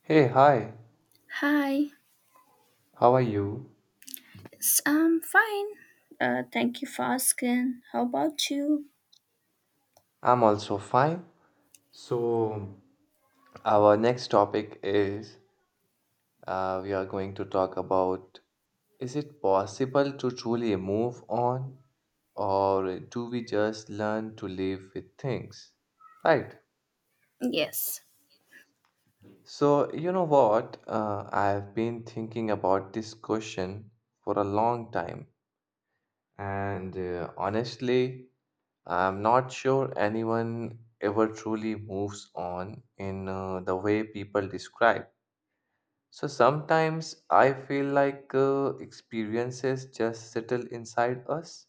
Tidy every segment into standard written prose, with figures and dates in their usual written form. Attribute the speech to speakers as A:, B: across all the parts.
A: Hey, hi,
B: Hi,
A: how are you?
B: I'm fine. Thank you for asking. How about you?
A: I'm also fine. So, our next topic is we are going to talk about, is it possible to truly move on, or do we just learn to live with things? Right.
B: Yes.
A: So, you know what? I've been thinking about this question for a long time, and honestly, I'm not sure anyone ever truly moves on in the way people describe. So sometimes I feel like experiences just settle inside us,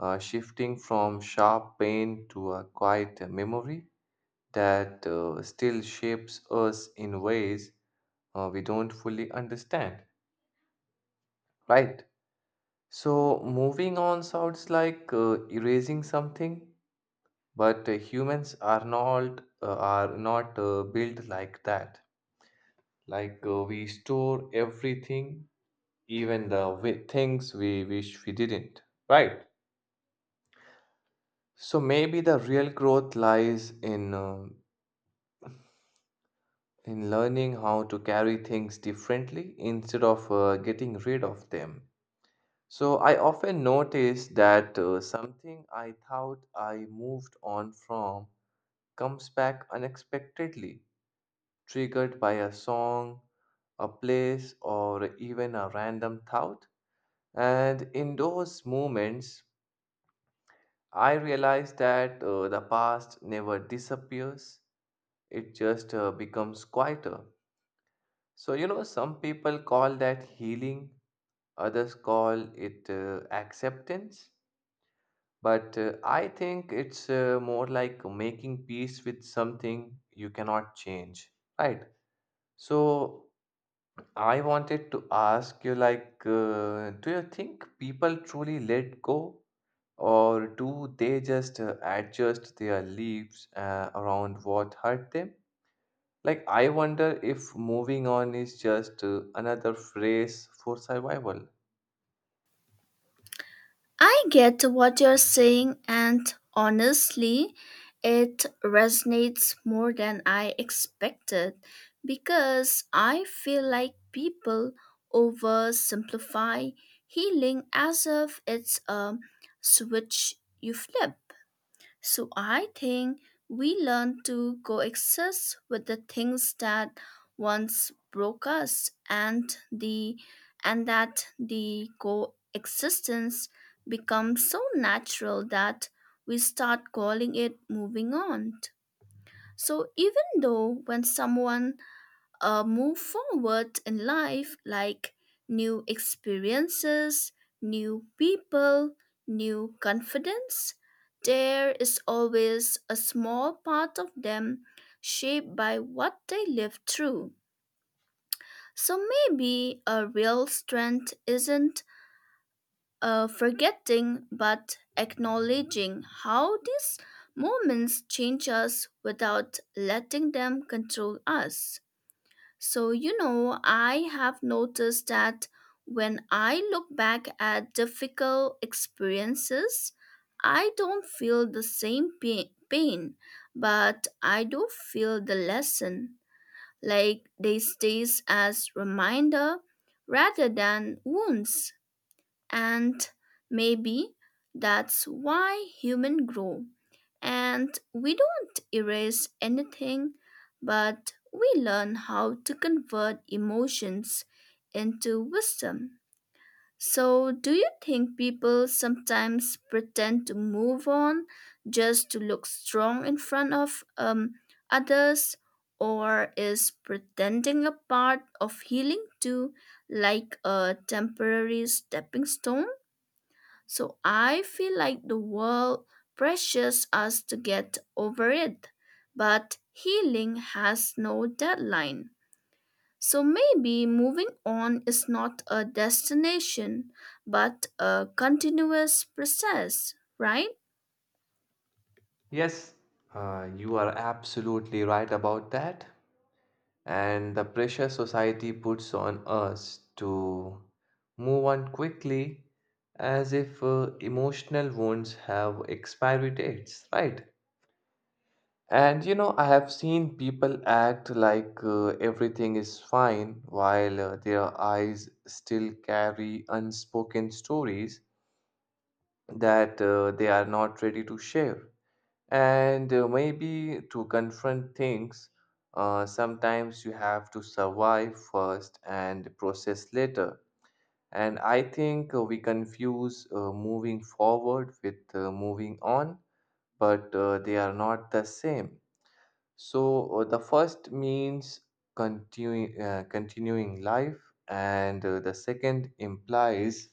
A: shifting from sharp pain to a quiet memory that still shapes us in ways we don't fully understand, right? So moving on sounds like erasing something, but humans are not built like that. Like we store everything, even the things we wish we didn't, right? So maybe the real growth lies in learning how to carry things differently instead of getting rid of them. So I often notice that something I thought I moved on from comes back unexpectedly, triggered by a song, a place, or even a random thought. And in those moments, I realized that the past never disappears, it just becomes quieter. So, you know, some people call that healing, others call it acceptance. But I think it's more like making peace with something you cannot change, right? So, I wanted to ask you, like, do you think people truly let go, or do they just adjust their lives around what hurt them? Like, I wonder if moving on is just another phrase for survival.
B: I get what you're saying, and honestly, it resonates more than I expected because I feel like people oversimplify healing as if it's a switch you flip. So I think we learn to coexist with the things that once broke us and that the coexistence becomes so natural that we start calling it moving on. So even though when someone move forward in life, like new experiences, new people, new confidence. There is always a small part of them shaped by what they lived through. So maybe a real strength isn't forgetting but acknowledging how these moments change us without letting them control us. So, you know, I have noticed that when I look back at difficult experiences, I don't feel the same pain, but I do feel the lesson. Like they stays as reminder rather than wounds. And maybe that's why humans grow. And we don't erase anything, but we learn how to convert emotions into wisdom. So, do you think people sometimes pretend to move on just to look strong in front of others? Or is pretending a part of healing too, like a temporary stepping stone? So I feel like the world pressures us to get over it. But healing has no deadline. So maybe moving on is not a destination, but a continuous process, right?
A: Yes, you are absolutely right about that. And the pressure society puts on us to move on quickly, as if emotional wounds have expiry dates, right? And you know, I have seen people act like everything is fine while their eyes still carry unspoken stories that they are not ready to share. And maybe to confront things, sometimes you have to survive first and process later. And I think we confuse moving forward with moving on, but they are not the same. So the first means continuing life, and the second implies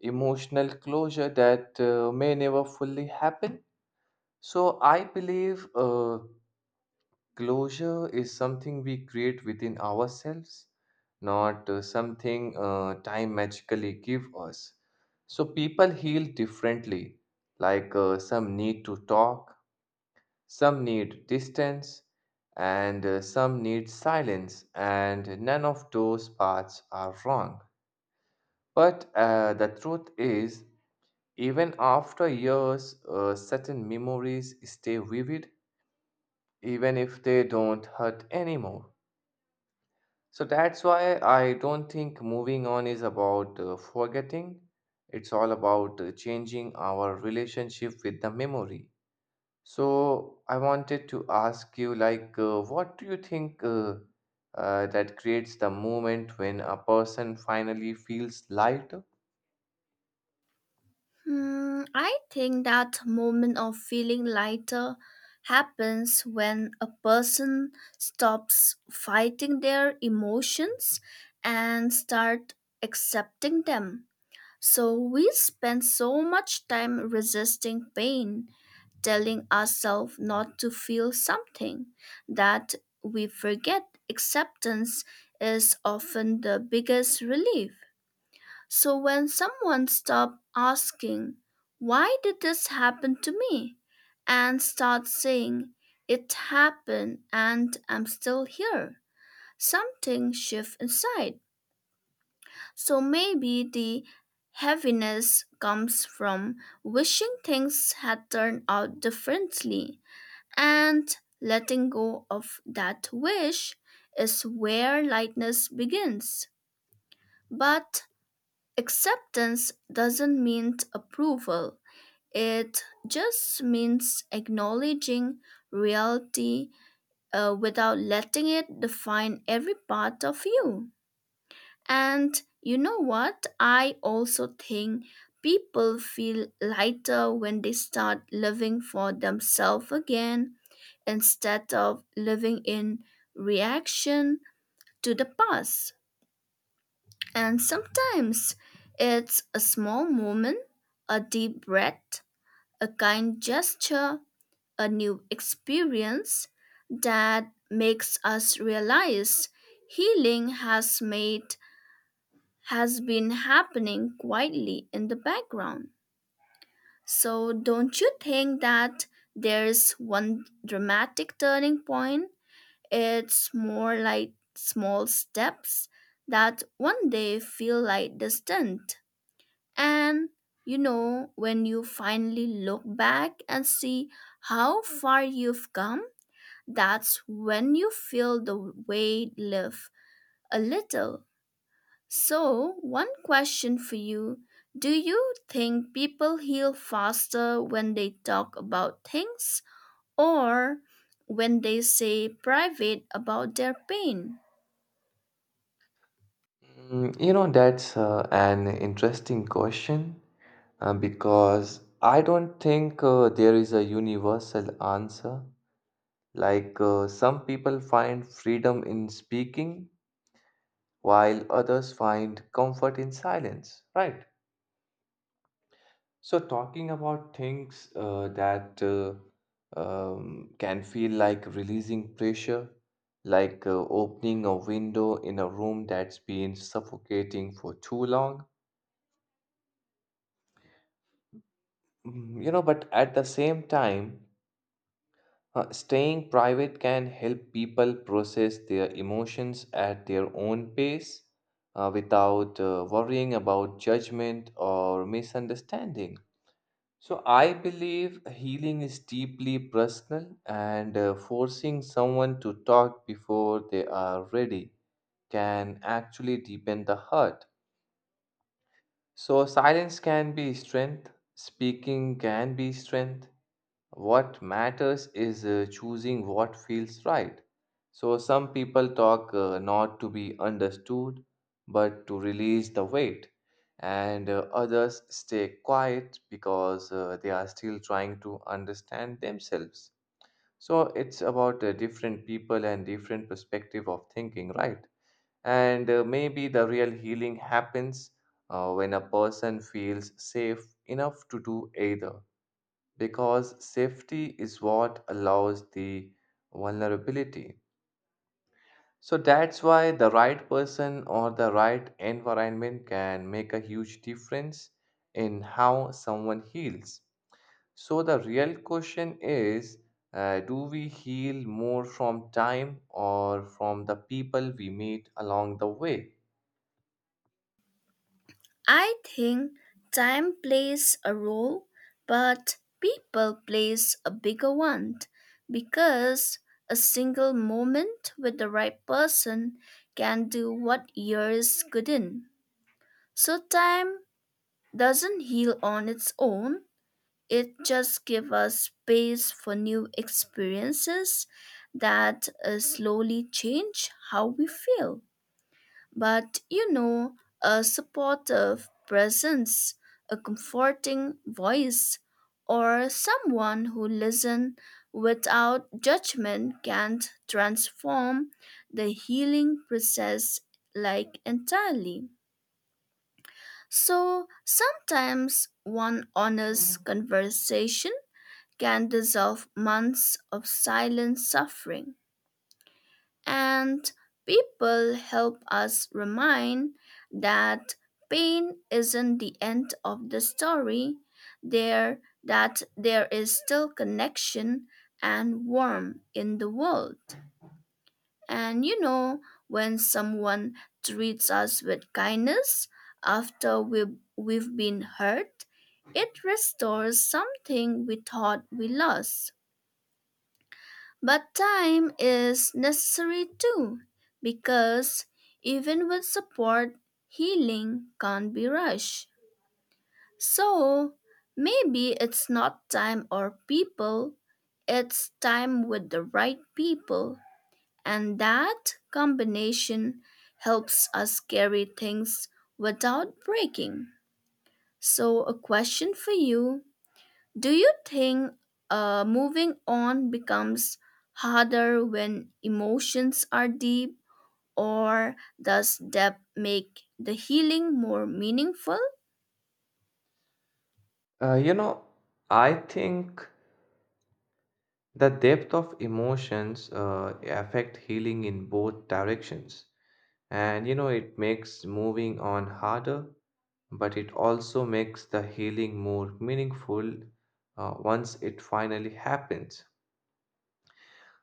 A: emotional closure that may never fully happen. So I believe closure is something we create within ourselves, not something time magically give us. So people heal differently. Like some need to talk, some need distance, and some need silence. And none of those paths are wrong. But the truth is, even after years, certain memories stay vivid, even if they don't hurt anymore. So that's why I don't think moving on is about forgetting. It's all about changing our relationship with the memory. So I wanted to ask you, like, what do you think that creates the moment when a person finally feels lighter?
B: Hmm, I think that moment of feeling lighter happens when a person stops fighting their emotions and start accepting them. So we spend so much time resisting pain, telling ourselves not to feel something, that we forget acceptance is often the biggest relief. So when someone stops asking, "Why did this happen to me?" and starts saying, "It happened and I'm still here," something shifts inside. So maybe the heaviness comes from wishing things had turned out differently. And letting go of that wish is where lightness begins. But acceptance doesn't mean approval, it just means acknowledging reality without letting it define every part of you. And you know what? I also think people feel lighter when they start living for themselves again instead of living in reaction to the past. And sometimes it's a small moment, a deep breath, a kind gesture, a new experience that makes us realize healing has been happening quietly in the background. So, don't you think that there's one dramatic turning point? It's more like small steps that one day feel like distant. And you know, when you finally look back and see how far you've come, that's when you feel the weight lift a little. So, one question for you. Do you think people heal faster when they talk about things, or when they say private about their pain?
A: Mm, you know, that's an interesting question because I don't think there is a universal answer. Like some people find freedom in speaking, while others find comfort in silence, right? So, talking about things that can feel like releasing pressure, like opening a window in a room that's been suffocating for too long. Mm, you know, but at the same time, staying private can help people process their emotions at their own pace without worrying about judgment or misunderstanding. So, I believe healing is deeply personal, and forcing someone to talk before they are ready can actually deepen the hurt. So, silence can be strength, speaking can be strength, what matters is choosing what feels right. So, some people talk not to be understood, but to release the weight, and others stay quiet because they are still trying to understand themselves. So, it's about different people and different perspective of thinking, right? And maybe the real healing happens when a person feels safe enough to do either, because safety is what allows the vulnerability. So that's why the right person or the right environment can make a huge difference in how someone heals. So the real question is, do we heal more from time or from the people we meet along the way?
B: I think time plays a role, but people plays a bigger one because a single moment with the right person can do what years couldn't. So time doesn't heal on its own. It just gives us space for new experiences that slowly change how we feel. But you know, a supportive presence, a comforting voice, or someone who listens without judgment can transform the healing process, like entirely. So sometimes one honest conversation can dissolve months of silent suffering. And people help us remind that pain isn't the end of the story, there is still connection and warmth in the world. And you know, when someone treats us with kindness after we've been hurt, it restores something we thought we lost. But time is necessary too, because even with support, healing can't be rushed. So maybe it's not time or people, it's time with the right people. And that combination helps us carry things without breaking. So, a question for you: do you think moving on becomes harder when emotions are deep, or does depth make the healing more meaningful?
A: You know, I think the depth of emotions affect healing in both directions. And you know, it makes moving on harder, but it also makes the healing more meaningful once it finally happens.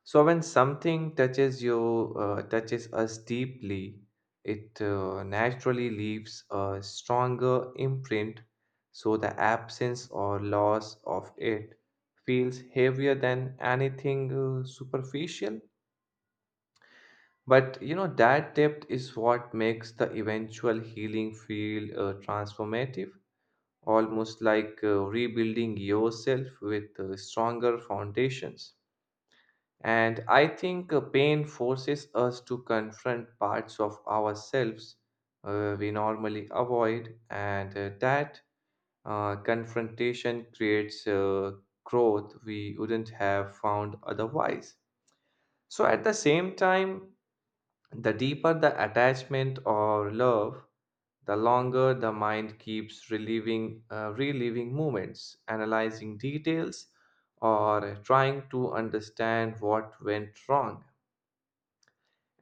A: So when something touches us deeply, it naturally leaves a stronger imprint, so the absence or loss of it feels heavier than anything superficial. But you know, that depth is what makes the eventual healing feel transformative, almost like rebuilding yourself with stronger foundations. And I think pain forces us to confront parts of ourselves we normally avoid, and that confrontation creates growth we wouldn't have found otherwise. So, at the same time, the deeper the attachment or love, the longer the mind keeps reliving moments, analyzing details, or trying to understand what went wrong.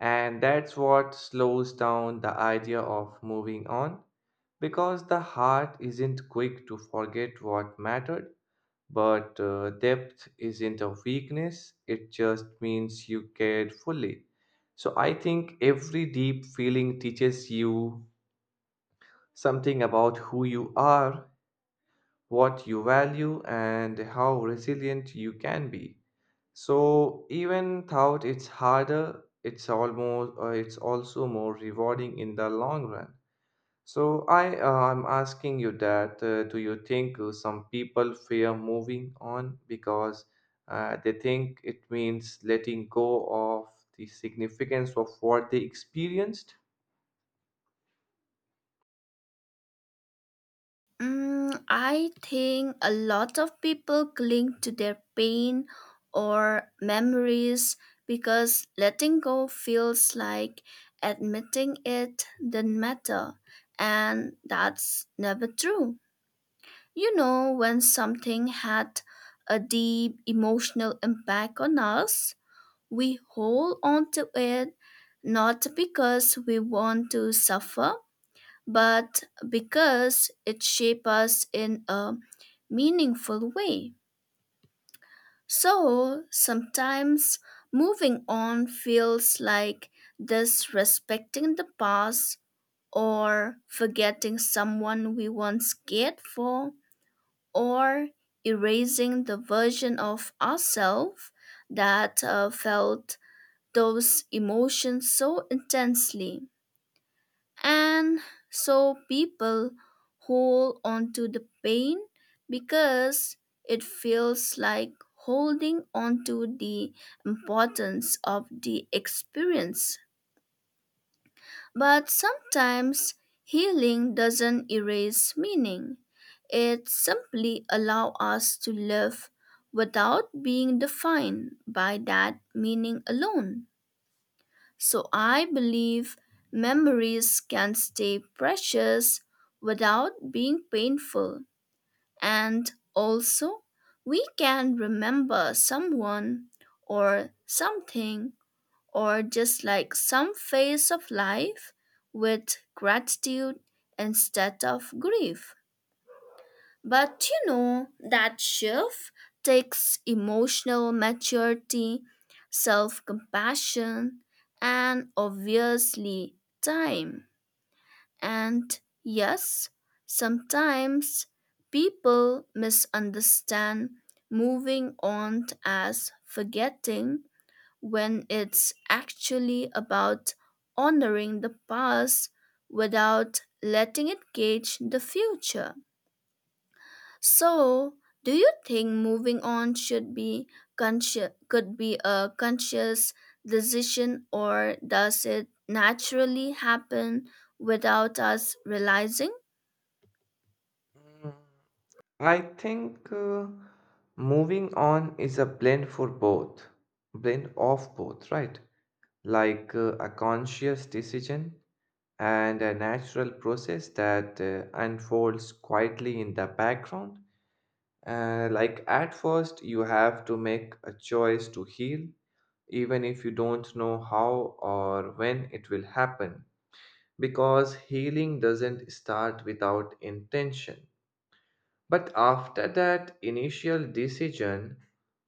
A: And that's what slows down the idea of moving on because the heart isn't quick to forget what mattered. But depth isn't a weakness, it just means you cared fully. So I think every deep feeling teaches you something about who you are, what you value, and how resilient you can be. So even though it's harder, it's almost it's also more rewarding in the long run. So I'm asking you that do you think some people fear moving on because they think it means letting go of the significance of what they experienced?
B: Mm, I think a lot of people cling to their pain or memories because letting go feels like admitting it didn't matter, and that's never true. You know, when something had a deep emotional impact on us, we hold on to it not because we want to suffer, but because it shapes us in a meaningful way. So sometimes moving on feels like disrespecting the past, or forgetting someone we once cared for, or erasing the version of ourselves that felt those emotions so intensely. And so people hold on to the pain because it feels like holding on to the importance of the experience, but sometimes healing doesn't erase meaning. It simply allows us to live without being defined by that meaning alone. So I believe memories can stay precious without being painful. And also, we can remember someone or something or just like some phase of life with gratitude instead of grief. But you know, that shift takes emotional maturity, self compassion, and obviously time. And yes, sometimes people misunderstand moving on as forgetting when it's actually about honoring the past without letting it gauge the future. So, do you think moving on should be could be a conscious decision, or does it naturally happen without us realizing?
A: Mm, I think moving on is a blend of both, right? Like a conscious decision and a natural process that unfolds quietly in the background. Like at first, you have to make a choice to heal, even if you don't know how or when it will happen, because healing doesn't start without intention. But after that initial decision,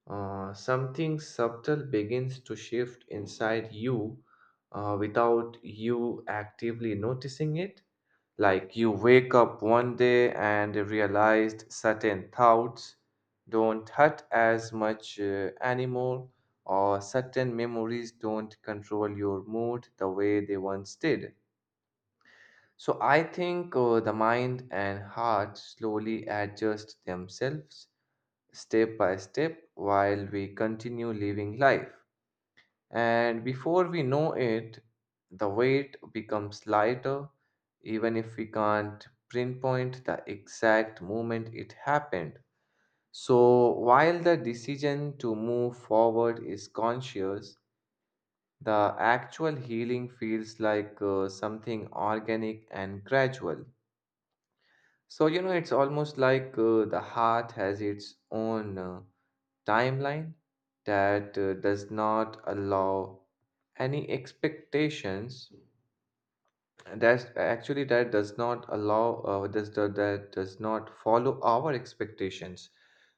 A: something subtle begins to shift inside you without you actively noticing it. Like you wake up one day and realized certain thoughts don't hurt as much anymore, or certain memories don't control your mood the way they once did. So I think the mind and heart slowly adjust themselves step by step while we continue living life. And before we know it, the weight becomes lighter, even if we can't pinpoint the exact moment it happened. So, while the decision to move forward is conscious, the actual healing feels like something organic and gradual. So, you know, it's almost like the heart has its own timeline that does not allow any expectations, that does not allow does that that does not follow our expectations.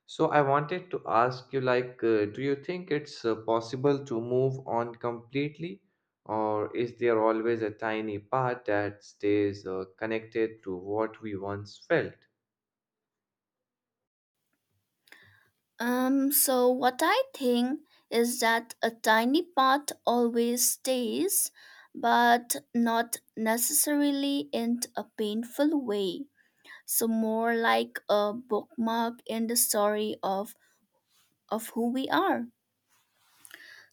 A: So I wanted to ask you, like, do you think it's possible to move on completely, or is there always a tiny part that stays connected to what we once felt?
B: So what I think is that a tiny part always stays, but not necessarily in a painful way. So more like a bookmark in the story of who we are.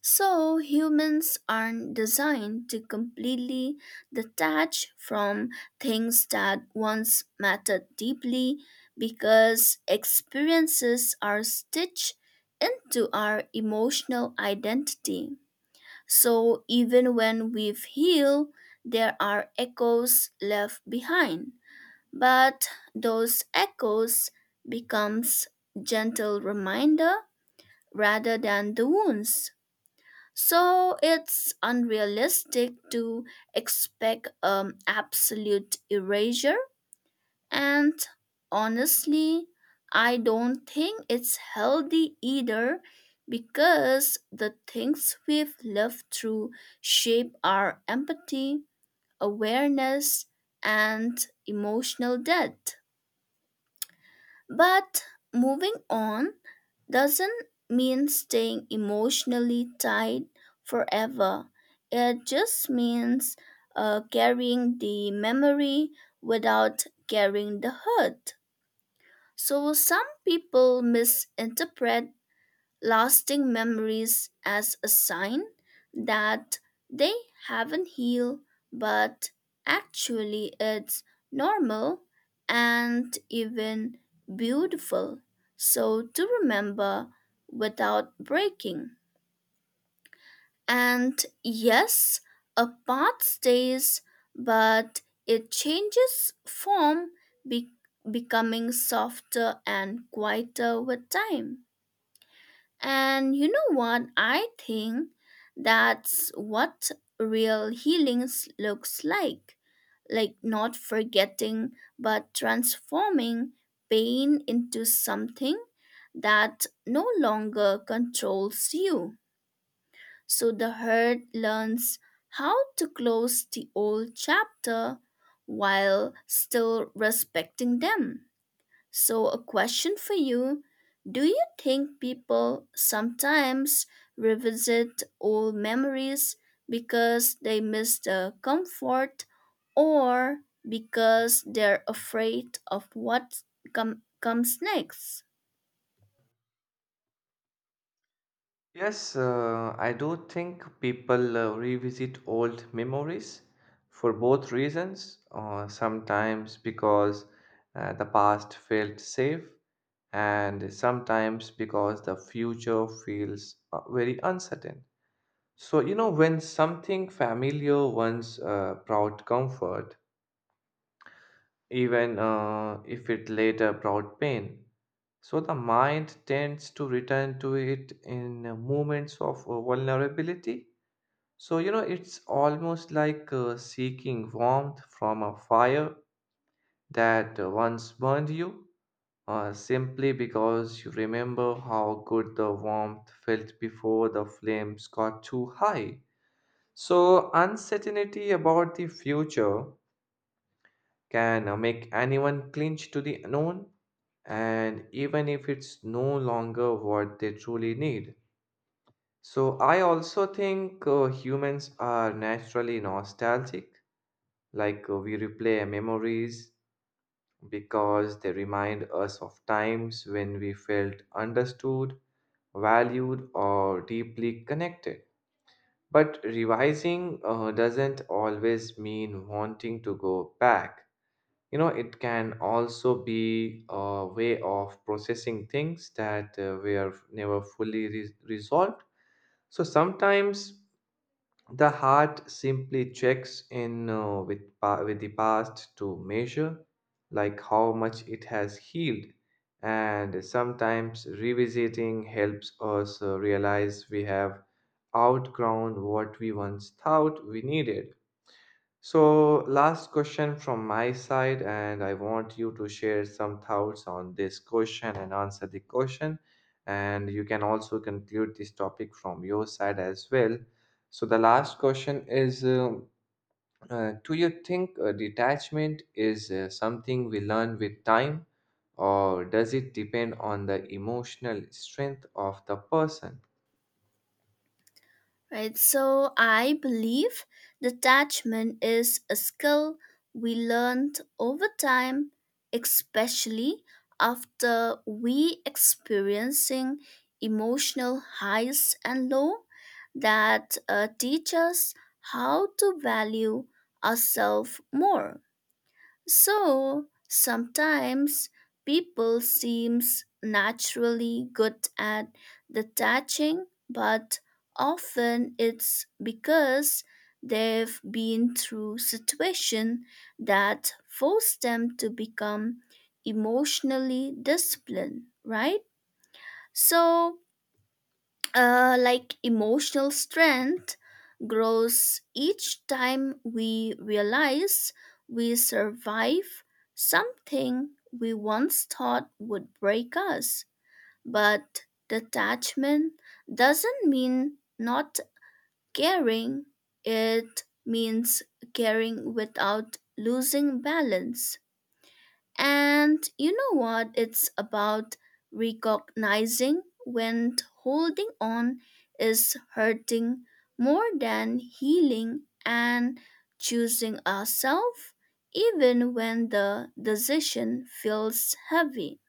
B: So, humans aren't designed to completely detach from things that once mattered deeply because experiences are stitched into our emotional identity. So, even when we've healed, there are echoes left behind. But those echoes becomes gentle reminder rather than the wounds. So it's unrealistic to expect absolute erasure. And honestly, I don't think it's healthy either because the things we've lived through shape our empathy, awareness, and emotional depth. But moving on doesn't mean staying emotionally tied forever. It just means carrying the memory without carrying the hurt. So some people misinterpret lasting memories as a sign that they haven't healed, but actually it's normal and even beautiful. So to remember without breaking. And yes, a path stays, but it changes form, be- becoming softer and quieter with time. And you know what? I think that's what real healing looks like. Like not forgetting, but transforming pain into something that no longer controls you. So the hurt learns how to close the old chapter while still respecting them. So, a question for you: do you think people sometimes revisit old memories because they miss the comfort, or because they're afraid of what comes next?
A: Yes, I do think people revisit old memories for both reasons. Sometimes because the past felt safe, and sometimes because the future feels very uncertain. So, you know, when something familiar once brought comfort, even if it later brought pain, so the mind tends to return to it in moments of vulnerability. So, you know, it's almost like seeking warmth from a fire that once burned you, simply because you remember how good the warmth felt before the flames got too high. So, uncertainty about the future can make anyone clinch to the unknown, and even if it's no longer what they truly need. So, I also think humans are naturally nostalgic. Like we replay memories because they remind us of times when we felt understood, valued, or deeply connected. But revising doesn't always mean wanting to go back. You know, it can also be a way of processing things that were never fully resolved. So sometimes the heart simply checks in with, with the past to measure, like how much it has healed, and sometimes revisiting helps us realize we have outgrown what we once thought we needed. So, last question from my side, and I want you to share some thoughts on this question and answer the question. And you can also conclude this topic from your side as well. So, the last question is do you think detachment is something we learn with time, or does it depend on the emotional strength of the person?
B: Right, so I believe detachment is a skill we learned over time, especially after we experiencing emotional highs and low that teach us how to value ourselves more. So sometimes people seems naturally good at detaching, but often it's because they've been through situation that forced them to become emotionally disciplined, right? So like emotional strength grows each time we realize we survive something we once thought would break us. But detachment doesn't mean not caring, it means caring without losing balance. And you know what? It's about recognizing when holding on is hurting more than healing, and choosing ourselves even when the decision feels heavy.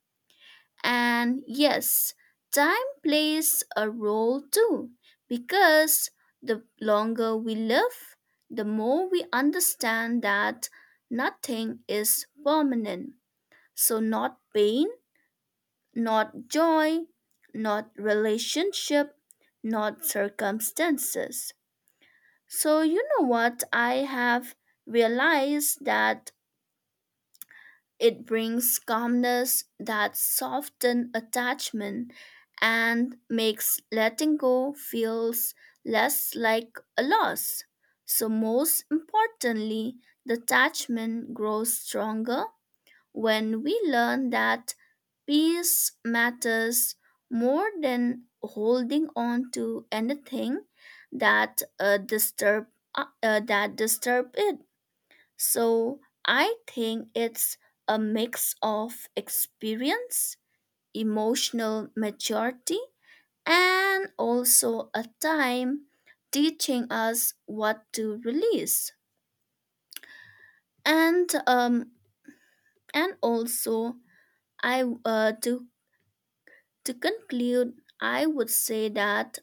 B: And yes, time plays a role too, because the longer we live, the more we understand that nothing is permanent, so, not pain, not joy, not relationship, not circumstances. So, you know what? I have realized that it brings calmness that softens attachment and makes letting go feels less like a loss. So, most importantly, detachment grows stronger when we learn that peace matters more than holding on to anything that disturb that disturb it. So I think it's a mix of experience, emotional maturity, and also a time teaching us what to release. And um and also I To conclude, I would say that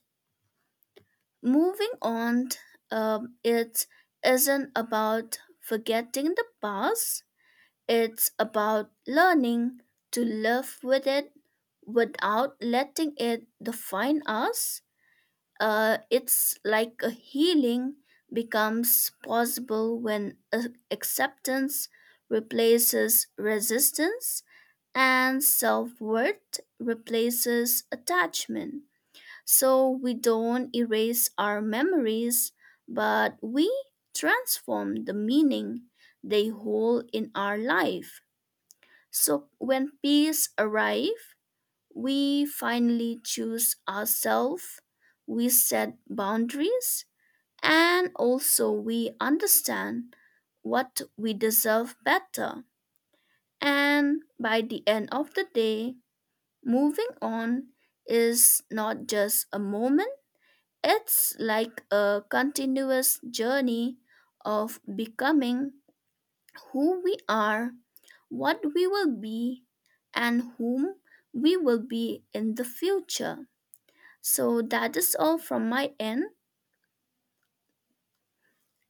B: moving on, it isn't about forgetting the past, it's about learning to live with it without letting it define us. It's like a healing becomes possible when acceptance replaces resistance and self worth replaces attachment. So we don't erase our memories, but we transform the meaning they hold in our life. So when peace arrives, we finally choose ourselves, we set boundaries, and also we understand what we deserve better. And by the end of the day, moving on is not just a moment, it's like a continuous journey of becoming who we are, what we will be, and whom we will be in the future. So that is all from my end.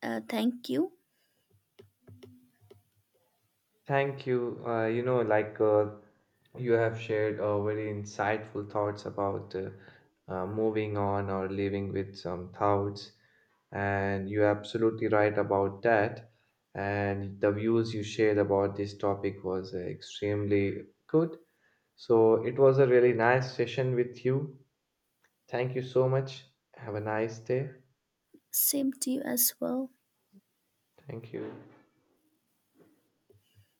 B: Thank you.
A: Thank you. You know, like you have shared very insightful thoughts about moving on or living with some thoughts, and you're absolutely right about that. And the views you shared about this topic was extremely good. So it was a really nice session with you. Thank you so much. Have a nice day.
B: Same to you as well.
A: Thank you.